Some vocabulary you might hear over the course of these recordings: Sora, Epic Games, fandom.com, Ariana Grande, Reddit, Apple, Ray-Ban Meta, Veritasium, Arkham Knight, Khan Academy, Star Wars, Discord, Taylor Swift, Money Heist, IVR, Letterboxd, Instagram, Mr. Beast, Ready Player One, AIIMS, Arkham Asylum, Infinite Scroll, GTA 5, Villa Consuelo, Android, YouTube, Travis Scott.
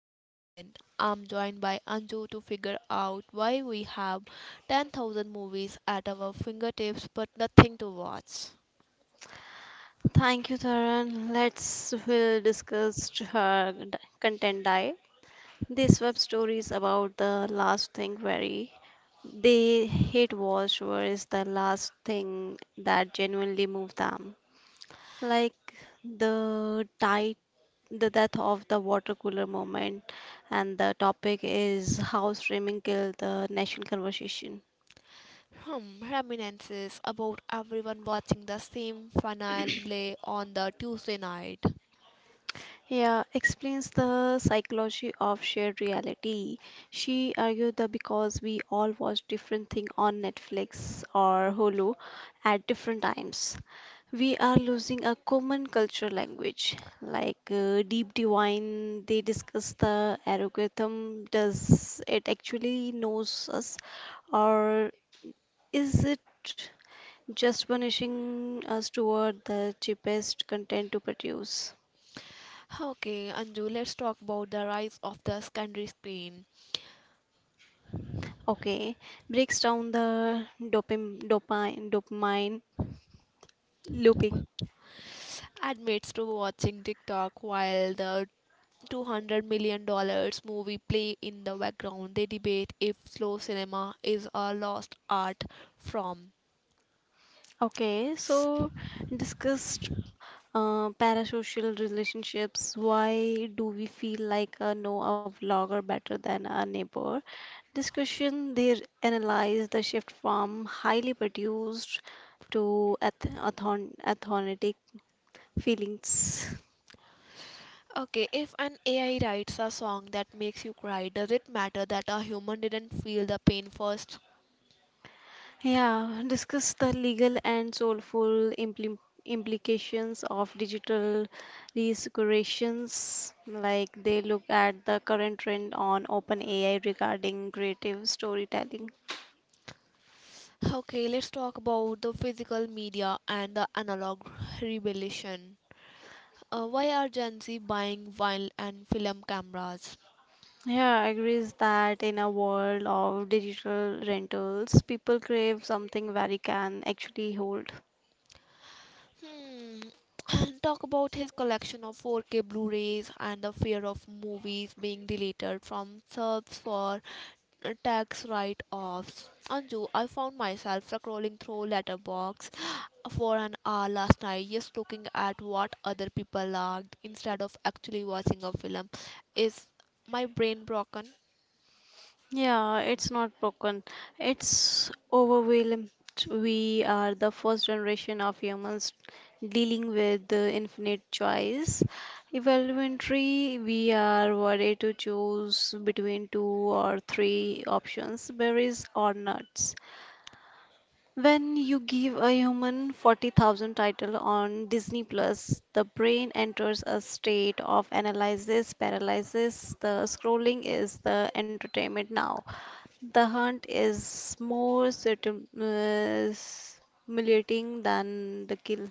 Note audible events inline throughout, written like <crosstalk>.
entertainment. I'm joined by Anju to figure out why we have 10,000 movies at our fingertips but nothing to watch. Thank you, Taran. Let's will discuss her content die. This web story is about the last thing very they hate watch or is the last thing that genuinely moved them. Like the tight the death of the water cooler moment and the topic is how streaming killed the national conversation. Hmm, reminiscences about everyone watching the same finale on the Tuesday night. Yeah, explains the psychology of shared reality. She argued that because we all watch different things on Netflix or Hulu at different times, we are losing a common cultural language. Like Deep Divine, they discuss the algorithm. Does it actually knows us, or is it just punishing us toward the cheapest content to produce? Okay, Anju, let's talk about the rise of the secondary screen. Okay, breaks down the dopamine looping. Admits to watching TikTok while the $200 million movie play in the background. They debate if slow cinema is a lost art from. Okay, so discussed parasocial relationships. Why do we feel like know a vlogger better than a neighbor? Discussion. They analyze the shift from highly produced to authentic feelings. Okay, if an AI writes a song that makes you cry, does it matter that a human didn't feel the pain first? Yeah, discuss the legal and soulful implim implications of digital resecurations. Like they look at the current trend on OpenAI regarding creative storytelling. Okay, let's talk about the physical media and the analog revolution. Why are Gen Z buying vinyl and film cameras? Yeah, I agrees that in a world of digital rentals, people crave something where it can actually hold. Hmm. <clears throat> And talk about his collection of 4K Blu-rays and the fear of movies being deleted from subs for tax write-offs. Anju, I found myself scrolling through Letterbox <gasps> for an hour last night, just looking at what other people liked instead of actually watching a film. Is my brain broken? Yeah, it's not broken. It's overwhelmed. We are the first generation of humans dealing with the infinite choice. Evaluatory, we are worried to choose between two or three options, berries or nuts. When you give a human 40,000 title on Disney Plus, the brain enters a state of analysis paralysis. The scrolling is the entertainment now. The hunt is more stimulating than the kill.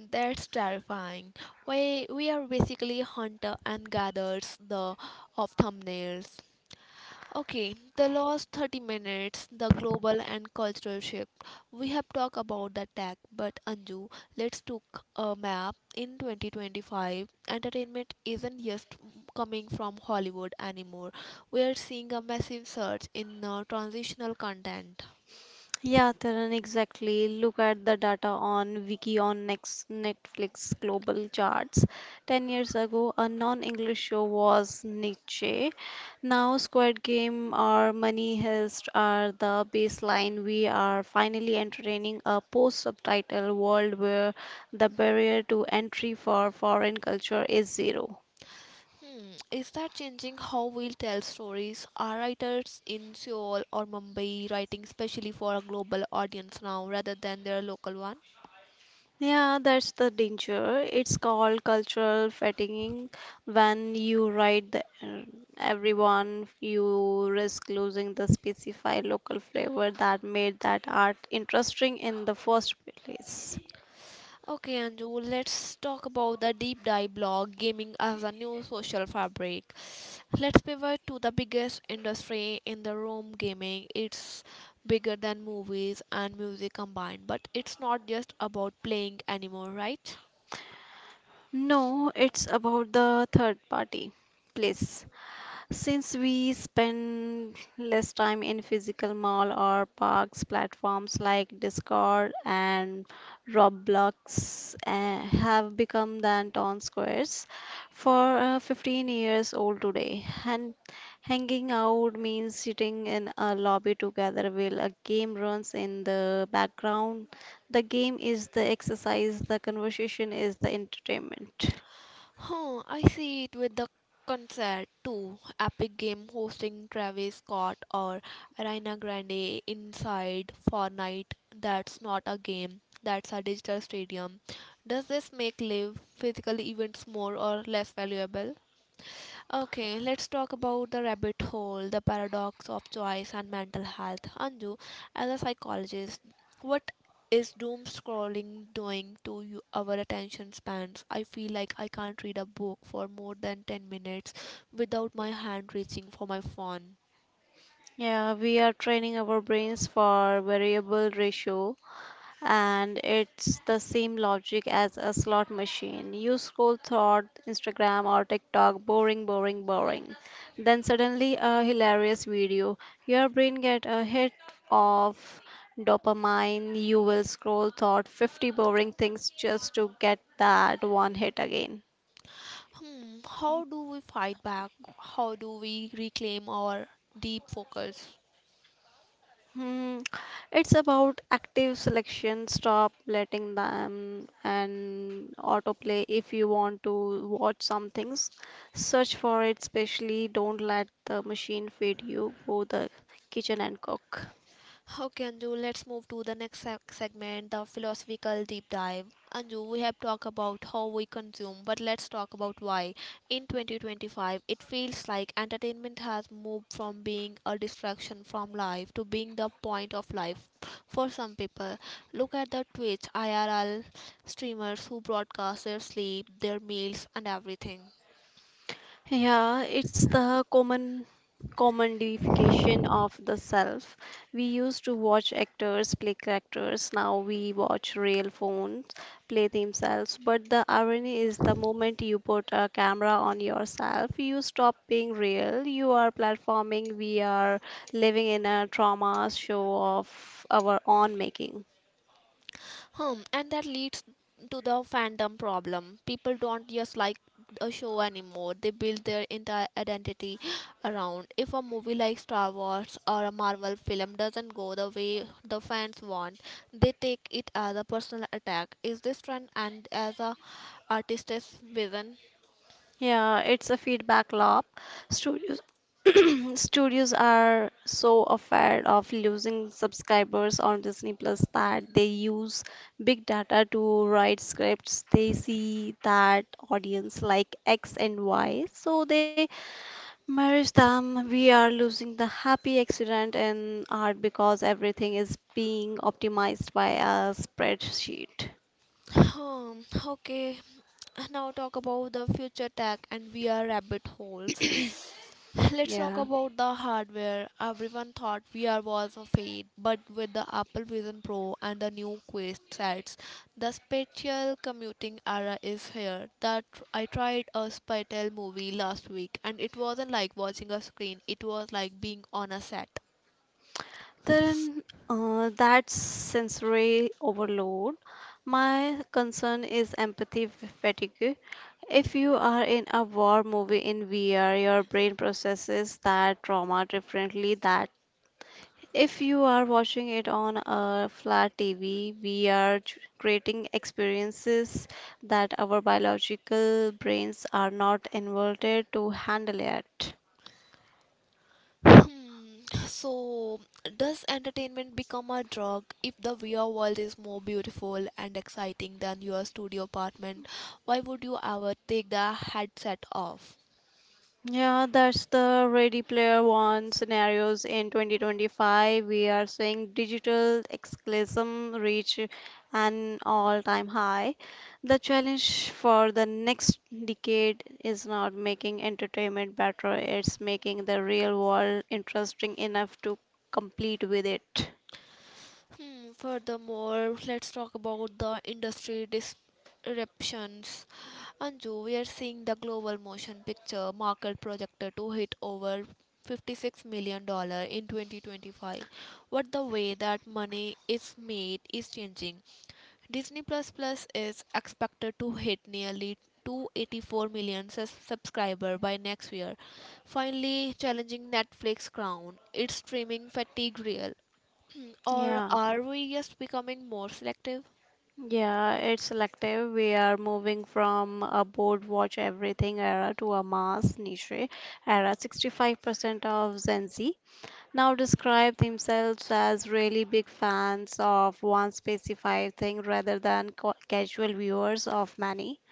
That's terrifying. We are basically hunter and gatherers the of thumbnails. Okay, the last 30 minutes, the global and cultural shift. We have talked about the tech, but Anju, let's took a map. In 2025, entertainment isn't just coming from Hollywood anymore. We are seeing a massive surge in transitional content. Yeah, Taran, exactly. Look at the data on Wiki on next Netflix global charts. 10 years ago, a non-English show was niche. Now, Squid Game or Money Heist are the baseline. We are finally entertaining a post-subtitle world where the barrier to entry for foreign culture is zero. Hmm, is that changing how we tell stories? Are writers in Seoul or Mumbai writing specially for a global audience now rather than their local one? Yeah, that's the danger. It's called cultural fatiguing. When you write the, everyone, you risk losing the specified local flavor that made that art interesting in the first place. Okay, Anju, let's talk about the deep dive blog gaming as a new social fabric. Let's pivot to the biggest industry in the room gaming. It's bigger than movies and music combined, but it's not just about playing anymore, right? No, it's about the third party place. Since we spend less time in physical mall or parks, platforms like Discord and Roblox have become the town squares for 15 years old today. And hanging out means sitting in a lobby together while a game runs in the background. The game is the exercise, the conversation is the entertainment. Huh, I see it with the concert too. Epic Game hosting Travis Scott or Ariana Grande inside Fortnite. That's not a game, that's a digital stadium. Does this make live physical events more or less valuable? Okay, let's talk about the rabbit hole, the paradox of choice and mental health. Anju, as a psychologist, what is doom scrolling doing to you, our attention spans? I feel like I can't read a book for more than 10 minutes without my hand reaching for my phone. Yeah, we are training our brains for variable ratio, and it's the same logic as a slot machine. You scroll through Instagram or TikTok, boring, boring, boring. Then suddenly a hilarious video. Your brain get a hit of dopamine. You will scroll through 50 boring things just to get that one hit again. Hmm, how do we fight back? How do we reclaim our deep focus? Hmm, It's about active selection. Stop letting them and autoplay if you want to watch some things. Search for it, especially don't let the machine feed you. Go the kitchen and cook. Okay, Anju, let's move to the next segment, the philosophical deep dive. Anju, we have talked about how we consume, but let's talk about why. In 2025, it feels like entertainment has moved from being a distraction from life to being the point of life for some people. Look at the Twitch IRL streamers who broadcast their sleep, their meals, and everything. Yeah, it's the common commodification of the self. We used to watch actors play characters, now we watch real phones play themselves. But the irony is the moment you put a camera on yourself, you stop being real. You are platforming, we are living in a trauma show of our own making. Hmm, and that leads to the fandom problem. People don't just like a show anymore. They build their entire identity around. If a movie like Star Wars or a Marvel film doesn't go the way the fans want, they take it as a personal attack. Is this trend and as a artist's vision? Yeah, it's a feedback loop. Studios <clears throat> studios are so afraid of losing subscribers on Disney Plus that they use big data to write scripts. They see that audience like X and Y, so they merge them. We are losing the happy accident in art because everything is being optimized by a spreadsheet. Hmm, okay. Now talk about the future tech and VR rabbit holes. <clears throat> <laughs> Let's talk Yeah. about the hardware. Everyone thought VR was a fad, but with the Apple Vision Pro and the new Quest sets, the spatial commuting era is here. That I tried a spatial movie last week, and it wasn't like watching a screen. It was like being on a set. Then that's sensory overload. My concern is empathy fatigue. If you are in a war movie in VR, your brain processes that trauma differently that if you are watching it on a flat TV, we are creating experiences that our biological brains are not inverted to handle yet. Hmm, so, does entertainment become a drug if the VR world is more beautiful and exciting than your studio apartment? Why would you ever take the headset off? Yeah, that's the Ready Player One scenarios in 2025. We are seeing digital escapism reach an all-time high. The challenge for the next decade is not making entertainment better, it's making the real world interesting enough to compete with it. Hmm, furthermore, let's talk about the industry disruptions. Anju, we are seeing the global motion picture market projected to hit over $56 million in 2025. What the way that money is made is changing. Disney Plus Plus is expected to hit nearly 284 million subscriber by next year, finally challenging Netflix crown. It's streaming fatigue real. Or Yeah. are we just becoming more selective? Yeah, it's selective. We are moving from a board watch everything era to a mass niche era. 65% of Gen Z now describe themselves as really big fans of one specified thing rather than casual viewers of many.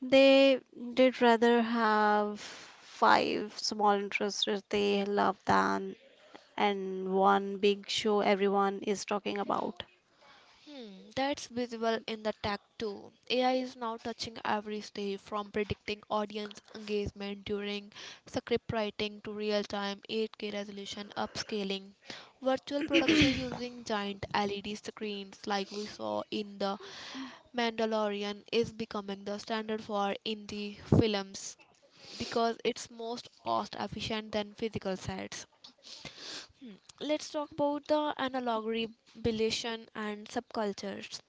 They did rather have five small interests they love than and one big show everyone is talking about. Hmm, that's visible in the tech too. AI is now touching every stage from predicting audience engagement during script writing to real time 8K resolution upscaling, virtual production using giant LED screens like we saw in The Mandalorian is becoming the standard for indie films because it's most cost efficient than physical sets. Hmm, let's talk about the analog rebellion and subcultures.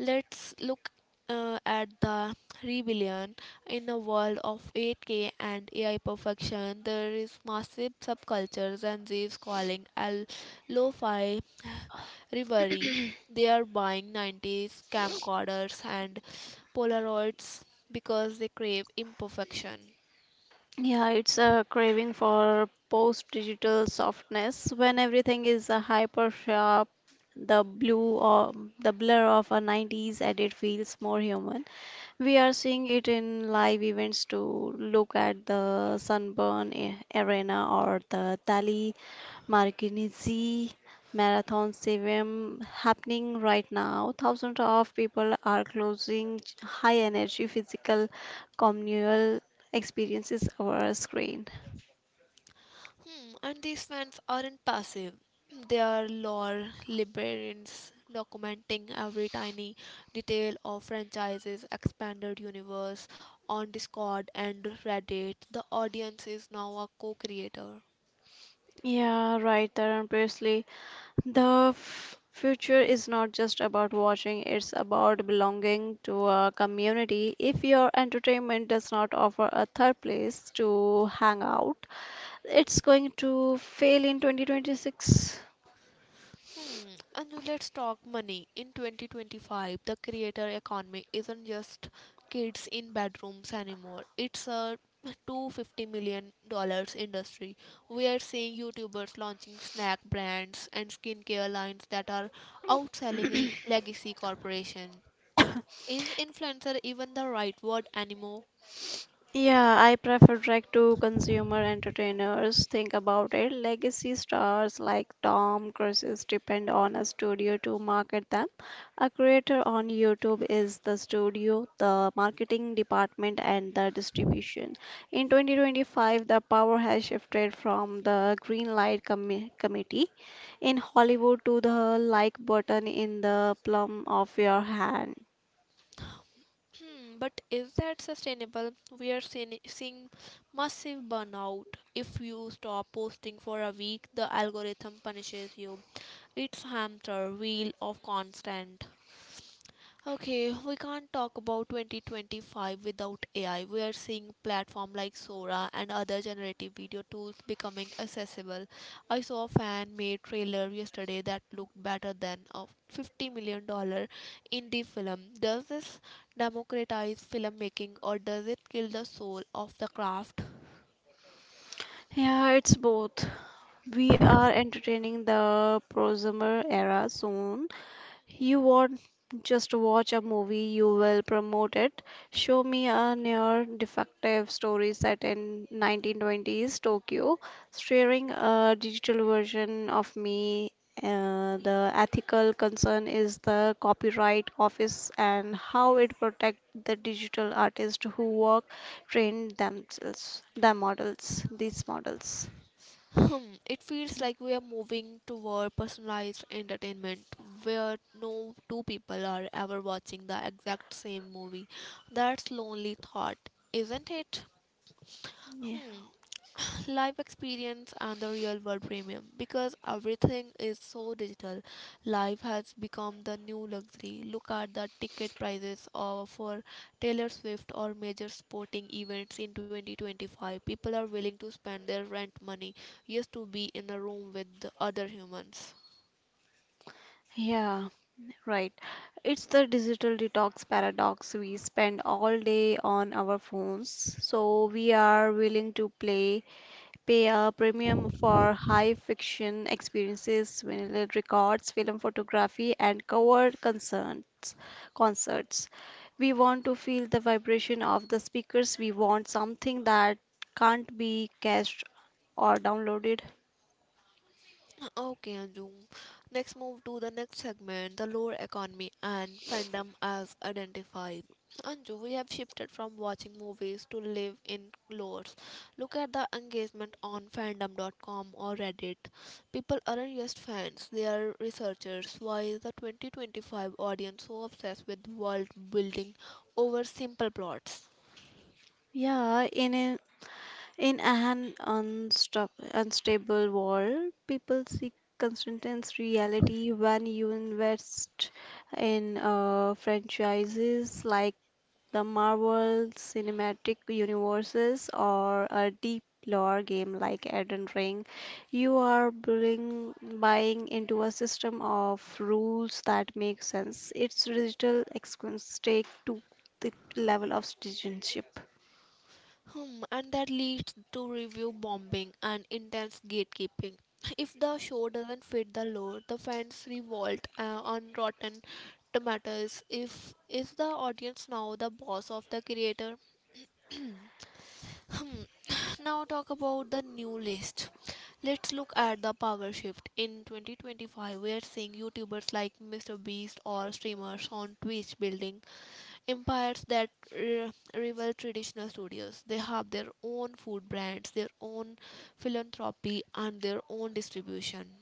Let's look at the rebellion in a world of 8K and AI perfection. There is massive subcultures and these calling a lo-fi reverie. They are buying 90s camcorders and Polaroids because they crave imperfection. Yeah, it's a craving for post-digital softness when everything is a hyper sharp. The blue or the blur of a 90s edit feels more human. We are seeing it in live events to look at the sunburn arena or the Tally Marikinizi marathon swim happening right now. Thousands of people are closing high energy physical communal experiences over a screen. Hmm, and these fans aren't passive. <clears throat> They are lore librarians documenting every tiny detail of franchises, expanded universe on Discord and Reddit. The audience is now a co-creator. Yeah, right, Tarun Presley. The future is not just about watching, it's about belonging to a community. If your entertainment does not offer a third place to hang out, it's going to fail in 2026. Hmm. And let's talk money. In 2025, the creator economy isn't just kids in bedrooms anymore. It's a $250 million industry. We are seeing YouTubers launching snack brands and skincare lines that are outselling legacy corporation. <coughs> Is influencer even the right word anymore? Yeah, I prefer direct to consumer entertainers. Think about it. Legacy stars like Tom Cruise depend on a studio to market them. A creator on YouTube is the studio, the marketing department, and the distribution. In 2025, the power has shifted from the green light committee in Hollywood to the like button in the palm of your hand. Hmm, but is that sustainable? We are seeing massive burnout. If you stop posting for a week, the algorithm punishes you. It's hamster wheel of constant. Okay, we can't talk about 2025 without AI. We are seeing platforms like Sora and other generative video tools becoming accessible. I saw a fan-made trailer yesterday that looked better than a $50 million indie film. Does this democratize filmmaking or does it kill the soul of the craft? Yeah, it's both. We are entertaining the prosumer era soon. You won't just watch a movie, you will promote it. Show me a near defective story set in 1920s Tokyo, sharing a digital version of me. The ethical concern is the copyright office and how it protects the digital artists who work train themselves, the models, these models. Hmm, it feels like we are moving toward personalized entertainment where no two people are ever watching the exact same movie. That's lonely thought, isn't it? Yeah. Hmm. <sighs> Life experience and the real world premium because everything is so digital. Life has become the new luxury. Look at the ticket prices of, for Taylor Swift or major sporting events in 2025. People are willing to spend their rent money just to be in a room with the other humans. Yeah. Right. It's the digital detox paradox. We spend all day on our phones, so we are willing to pay a premium for high fiction experiences, vinyl records, film photography, and cover concerts. Concerts. We want to feel the vibration of the speakers. We want something that can't be cached or downloaded. Okay, Anjum. Next, move to the next segment, the lore economy and fandom as identified. Anju, we have shifted from watching movies to live in lores. Look at the engagement on fandom.com or Reddit. People aren't just fans, they are researchers. Why is the 2025 audience so obsessed with world building over simple plots? Yeah, in an unstable world, people seek consistent reality when you invest in franchises like the Marvel Cinematic Universes or a deep lore game like Elden Ring. You are buying into a system of rules that make sense. Its digital experience take to the level of citizenship. Hmm, and that leads to review bombing and intense gatekeeping. If the show doesn't fit the lore, the fans revolt on Rotten Tomatoes. If is the audience now the boss of the creator? Hmm. <sighs> Now talk about the new list. Let's look at the power shift. In 2025, we are seeing YouTubers like Mr. Beast or streamers on Twitch building empires that rival traditional studios. They have their own food brands, their own philanthropy, and their own distribution. <clears throat>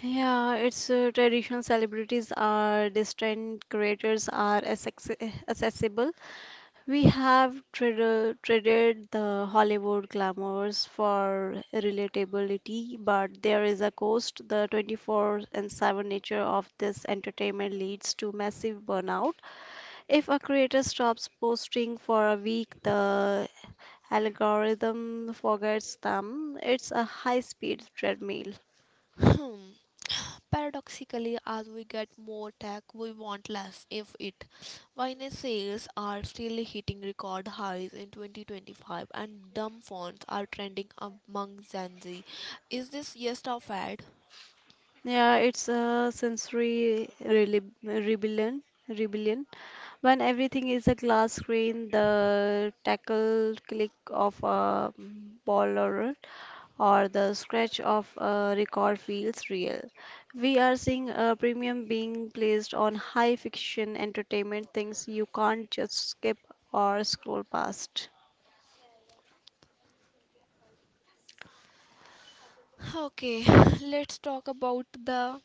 Yeah, its traditional celebrities are distant creators are accessible. We have traded the Hollywood glamours for relatability, but there is a cost. The 24/7 nature of this entertainment leads to massive burnout. If a creator stops posting for a week, the algorithm forgets them. It's a high-speed treadmill. Hmm. Paradoxically, as we get more tech, we want less, if it. Wine sales are still hitting record highs in 2025, and dumb fonts are trending among Gen Z. Is this yes or fad? Yeah, it's a sensory rebellion. When everything is a glass screen, the tackle click of a baller or the scratch of a record feels real. We are seeing a premium being placed on high fiction entertainment things you can't just skip or scroll past. Okay, <laughs> let's talk about the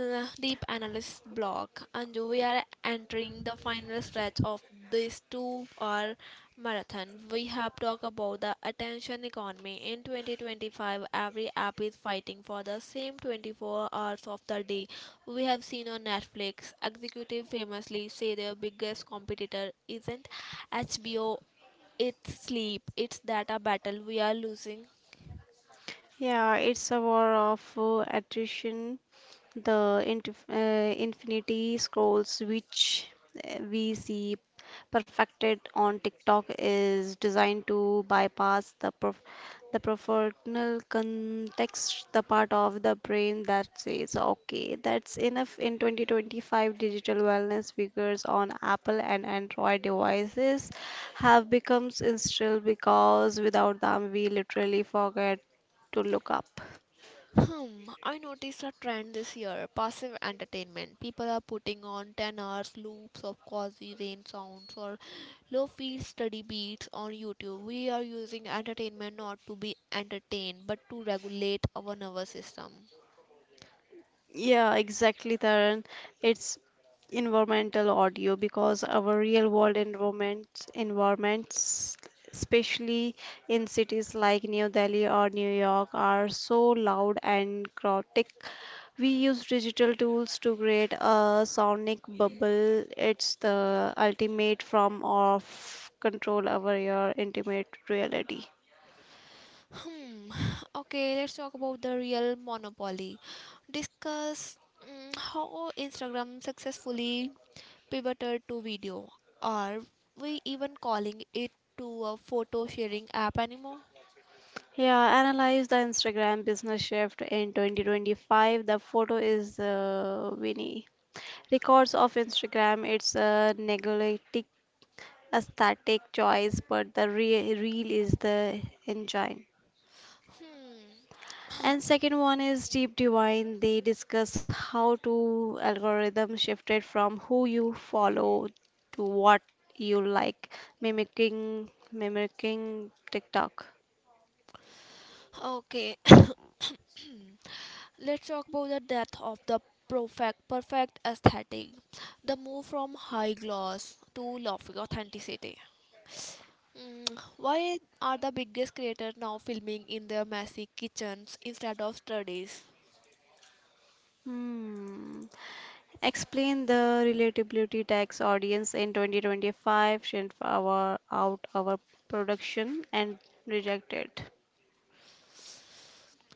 deep analyst block, and we are entering the final stretch of this two-hour marathon. We have talked about the attention economy. In 2025, every app is fighting for the same 24 hours of the day. We have seen on Netflix, executive famously say their biggest competitor isn't HBO, it's sleep. It's that a battle we are losing. Yeah, it's a war of attrition. The Infinity Scrolls, which we see perfected on TikTok, is designed to bypass the the professional context, the part of the brain that says, "Okay, that's enough." In 2025, digital wellness figures on Apple and Android devices have become instilled because without them, we literally forget to look up. Hmm, I noticed a trend this year passive entertainment. People are putting on 10 hours loops of quasi rain sounds or low fi study beats on YouTube. We are using entertainment not to be entertained but to regulate our nervous system. Yeah, exactly, Taran. It's environmental audio because our real world environments, especially in cities like New Delhi or New York, are so loud and chaotic. We use digital tools to create a sonic bubble. It's the ultimate form of control over your intimate reality. Hmm, <sighs> okay, let's talk about the real monopoly. Discuss how Instagram successfully pivoted to video. Are we even calling it to a photo sharing app anymore? Yeah, analyze the Instagram business shift in 2025. The photo is Winnie. Records of Instagram, it's a neglected aesthetic choice, but the re real is the engine. Hmm. And second one is Deep Divine. They discuss how to algorithm shifted from who you follow to what you like, mimicking TikTok. Okay, <coughs> <clears throat> let's talk about the death of the perfect aesthetic. The move from high gloss to lofty authenticity. Hmm. Why are the biggest creators now filming in their messy kitchens instead of studies? Hmm. Explain the relatability tax audience in 2025, send our out our production and reject it.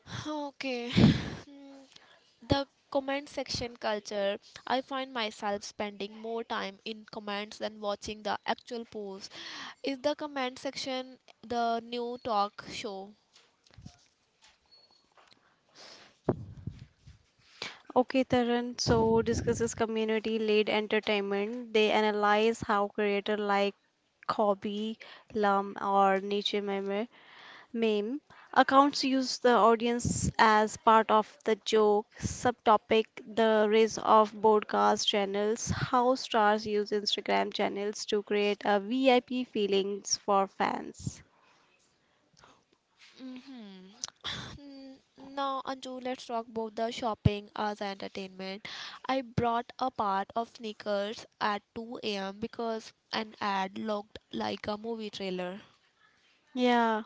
<sighs> Okay. <coughs> Hmm. The comment section culture. I find myself spending more time in comments than watching the actual posts. Is the comment section the new talk show? Okay, Taran, so discusses community-led entertainment. They analyze how creator like Kobe, Lum, or Niche Meme accounts use the audience as part of the joke. Subtopic the rise of broadcast channels. How stars use Instagram channels to create a VIP feelings for fans. Mm-hmm. <sighs> N- Now, Anju, let's talk about the shopping as entertainment. I brought a part of sneakers at 2 a.m. because an ad looked like a movie trailer. Yeah.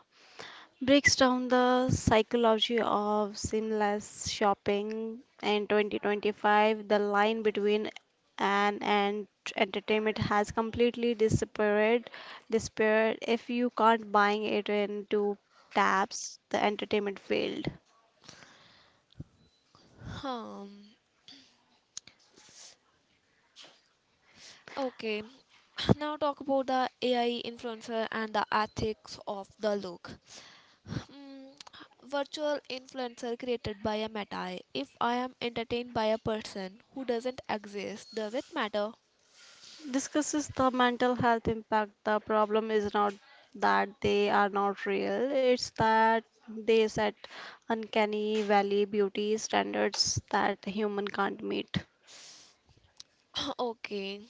Breaks down the psychology of seamless shopping in 2025, the line between an and entertainment has completely disappeared. If you can't buying it in two taps, the entertainment failed. Um, okay. <sighs> Now talk about the AI influencer and the ethics of the look. Mm, Virtual influencer created by a meta. If I am entertained by a person who doesn't exist, does it matter? Discusses the mental health impact. The problem is not that they are not real, it's that they set uncanny valley beauty standards that human can't meet. <laughs> Okay,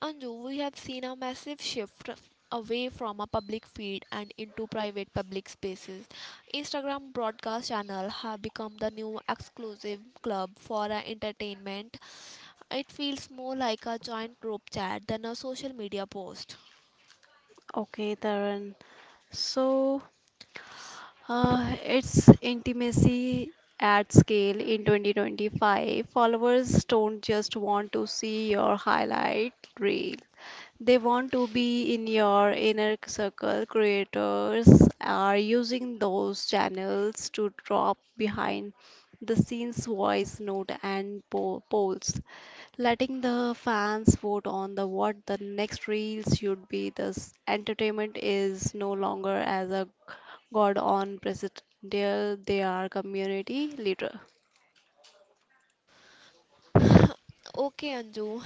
Anju, we have seen a massive shift away from a public feed and into private public spaces. Instagram broadcast channel have become the new exclusive club for entertainment. It feels more like a joint group chat than a social media post. Okay, Taran. So, it's intimacy at scale in 2025. Followers don't just want to see your highlight reel. They want to be in your inner circle. Creators are using those channels to drop behind the scenes voice note and polls, letting the fans vote on the what the next reel should be. Thus, entertainment is no longer as a god on presidential; they are community leader. Okay, Anju,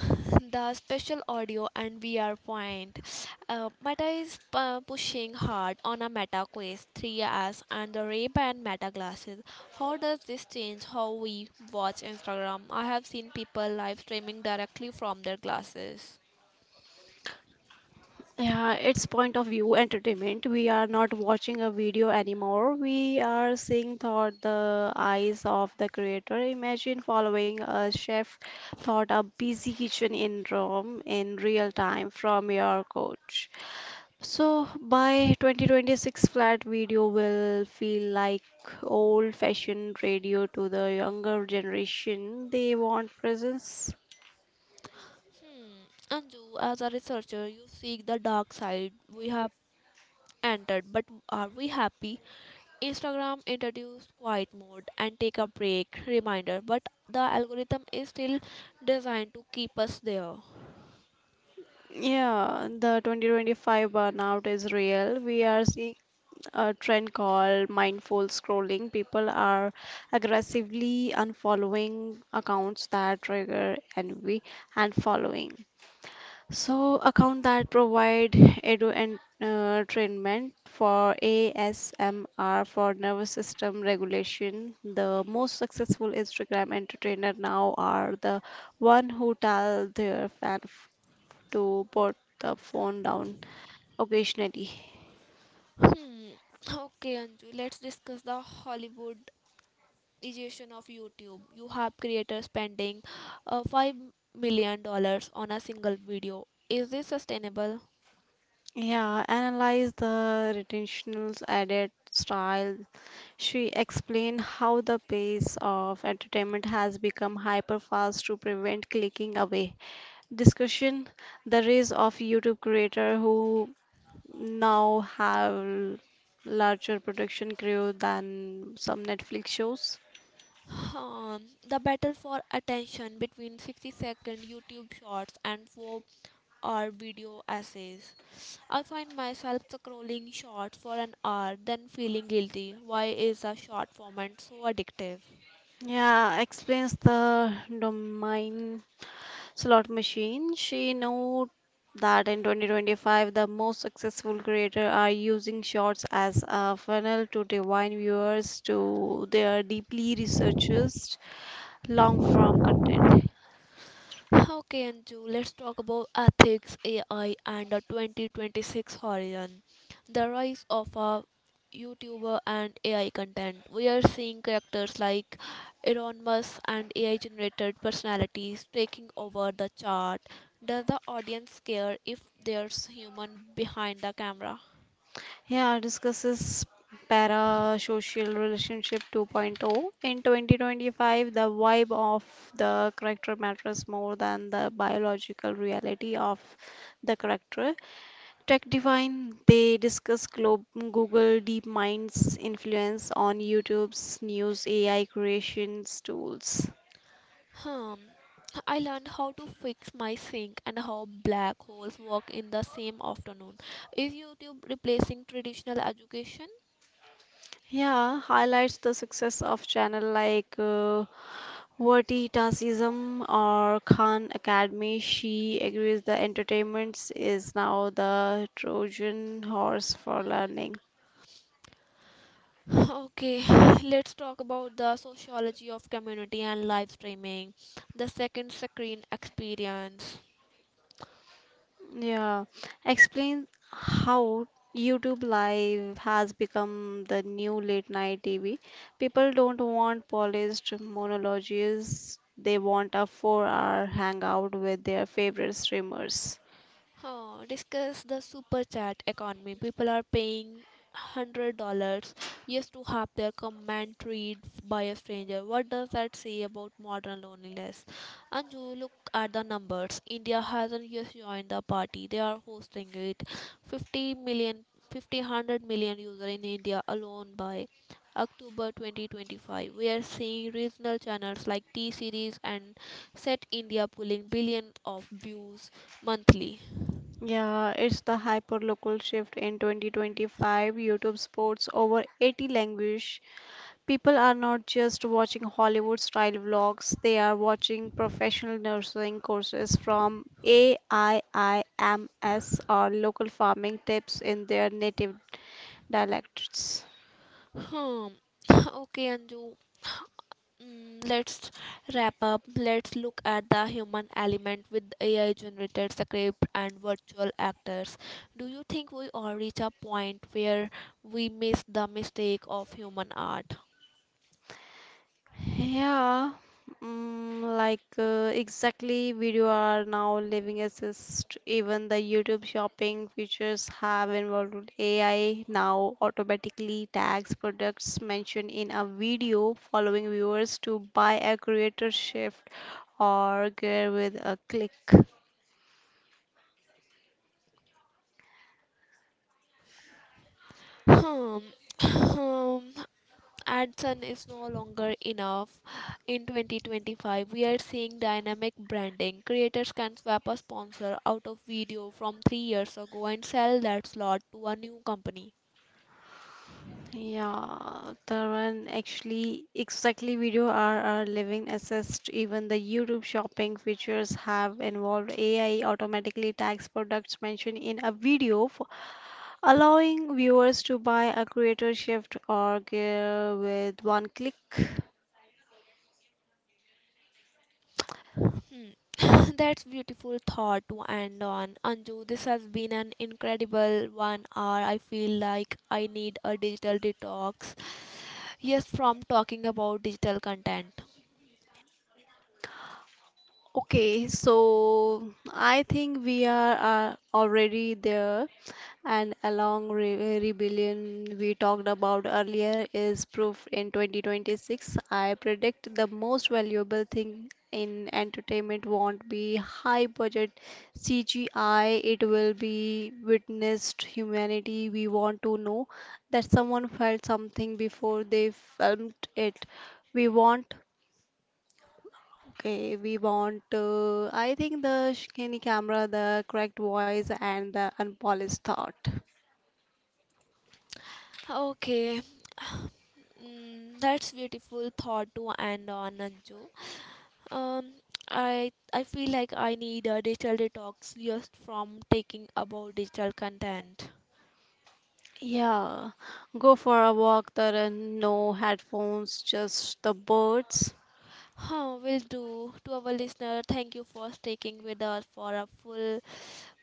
<laughs> the special audio and VR point. Meta is pushing hard on a Meta Quest Three S and the Ray-Ban Meta glasses. How does this change how we watch Instagram? I have seen people live streaming directly from their glasses. Yeah, it's point of view entertainment. We are not watching a video anymore. We are seeing through the eyes of the creator. Imagine following a chef through a busy kitchen in Rome in real time from your couch. So by 2026, flat video will feel like old-fashioned radio to the younger generation. They want presence. Anju, as a researcher, you seek the dark side. We have entered, but are we happy? Instagram introduced quiet mode and take a break reminder, but the algorithm is still designed to keep us there. Yeah, the 2025 burnout is real. We are seeing a trend called mindful scrolling. People are aggressively unfollowing accounts that trigger envy and following. So, accounts that provide edu and treatment for ASMR for nervous system regulation. The most successful Instagram entertainer now are the one who tell their fan to put the phone down occasionally. Hmm. Okay, Anju, let's discuss the Hollywood edition of YouTube. You have creators spending $5 million on a single video. Is this sustainable? Yeah, analyze the retentionals edit style. She explained how the pace of entertainment has become hyper fast to prevent clicking away. Discussion the rise of YouTube creators who now have larger production crew than some Netflix shows. The battle for attention between 60-second YouTube shorts and 4-hour video essays. I find myself scrolling shorts for an hour, then feeling guilty. Why is a short format so addictive? Yeah, explains the domain Slot Machine. She knew that in 2025, the most successful creators are using shorts as a funnel to divine viewers to their deeply researched long form content. Okay, Anju, let's talk about ethics, AI, and the 2026 horizon. The rise of a YouTuber and AI content. We are seeing characters like Elon Musk and AI generated personalities taking over the chart. Does the audience care if there's human behind the camera? Yeah, discusses parasocial relationship 2.0. In 2025, the vibe of the character matters more than the biological reality of the character. Tech Divine, they discuss Google DeepMind's influence on YouTube's news AI creations tools. Hmm. I learned how to fix my sink and how black holes work in the same afternoon. Is YouTube replacing traditional education? Yeah, highlights the success of channel like Vertitasism or Khan Academy. She agrees the entertainment is now the Trojan horse for learning. <laughs> Okay, <sighs> let's talk about the sociology of community and live streaming, the second screen experience. Yeah, explain how YouTube Live has become the new late night TV. People don't want polished monologues, they want a 4-hour hangout with their favorite streamers. Huh, discuss the super chat economy. People are paying $100 just to have their comment read by a stranger. What does that say about modern loneliness? And you look at the numbers. India hasn't just joined the party; they are hosting it. 50 million, fifty hundred million user in India alone by October 2025. We are seeing regional channels like T Series and Set India pulling billions of views monthly. Yeah, it's the hyper-local shift in 2025. YouTube sports over 80 languages. People are not just watching Hollywood style vlogs, they are watching professional nursing courses from AIIMS or local farming tips in their native dialects. Hmm. <laughs> <sighs> Okay, Anju. <sighs> Let's wrap up. Let's look at the human element with AI generated script and virtual actors. Do you think we all reach a point where we miss the mistake of human art? Yeah, like exactly video are now living assist. Even the YouTube shopping features have involved AI now automatically tags products mentioned in a video, following viewers to buy a creator shift or gear with a click. Hmm. <laughs> <clears throat> And sun is no longer enough. In 2025, we are seeing dynamic branding. Creators can swap a sponsor out of video from 3 years ago and sell that slot to a new company. Yeah, Tarun, actually, exactly video are our living assets. Even the YouTube shopping features have involved AI automatically tags products mentioned in a video for allowing viewers to buy a creator shift or gear with one click. Hmm. <laughs> <coughs> That's beautiful thought to end on. Anju, this has been an incredible one hour. I feel like I need a digital detox. Yes, from talking about digital content. Okay, so I think we are already there, and along re rebellion we talked about earlier is proof in 2026. I predict the most valuable thing in entertainment won't be high budget CGI, it will be witnessed humanity. We want to know that someone felt something before they filmed it. We want Okay, we want to, I think the skinny camera, the correct voice, and the unpolished thought. Okay. <sighs> That's beautiful thought to end on, Anju. Um, I feel like I need a digital detox just from taking about digital content. Yeah, go for a walk, Taran. No headphones, just the birds. Huh, will do. To our listener, thank you for sticking with us for a full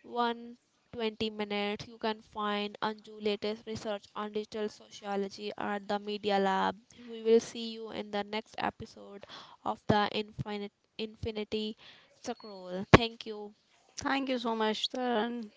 120 minutes. You can find Anju latest research on digital sociology at the Media Lab. We will see you in the next episode of the Infinite Infinity Scroll. Thank you. Thank you so much, Taran.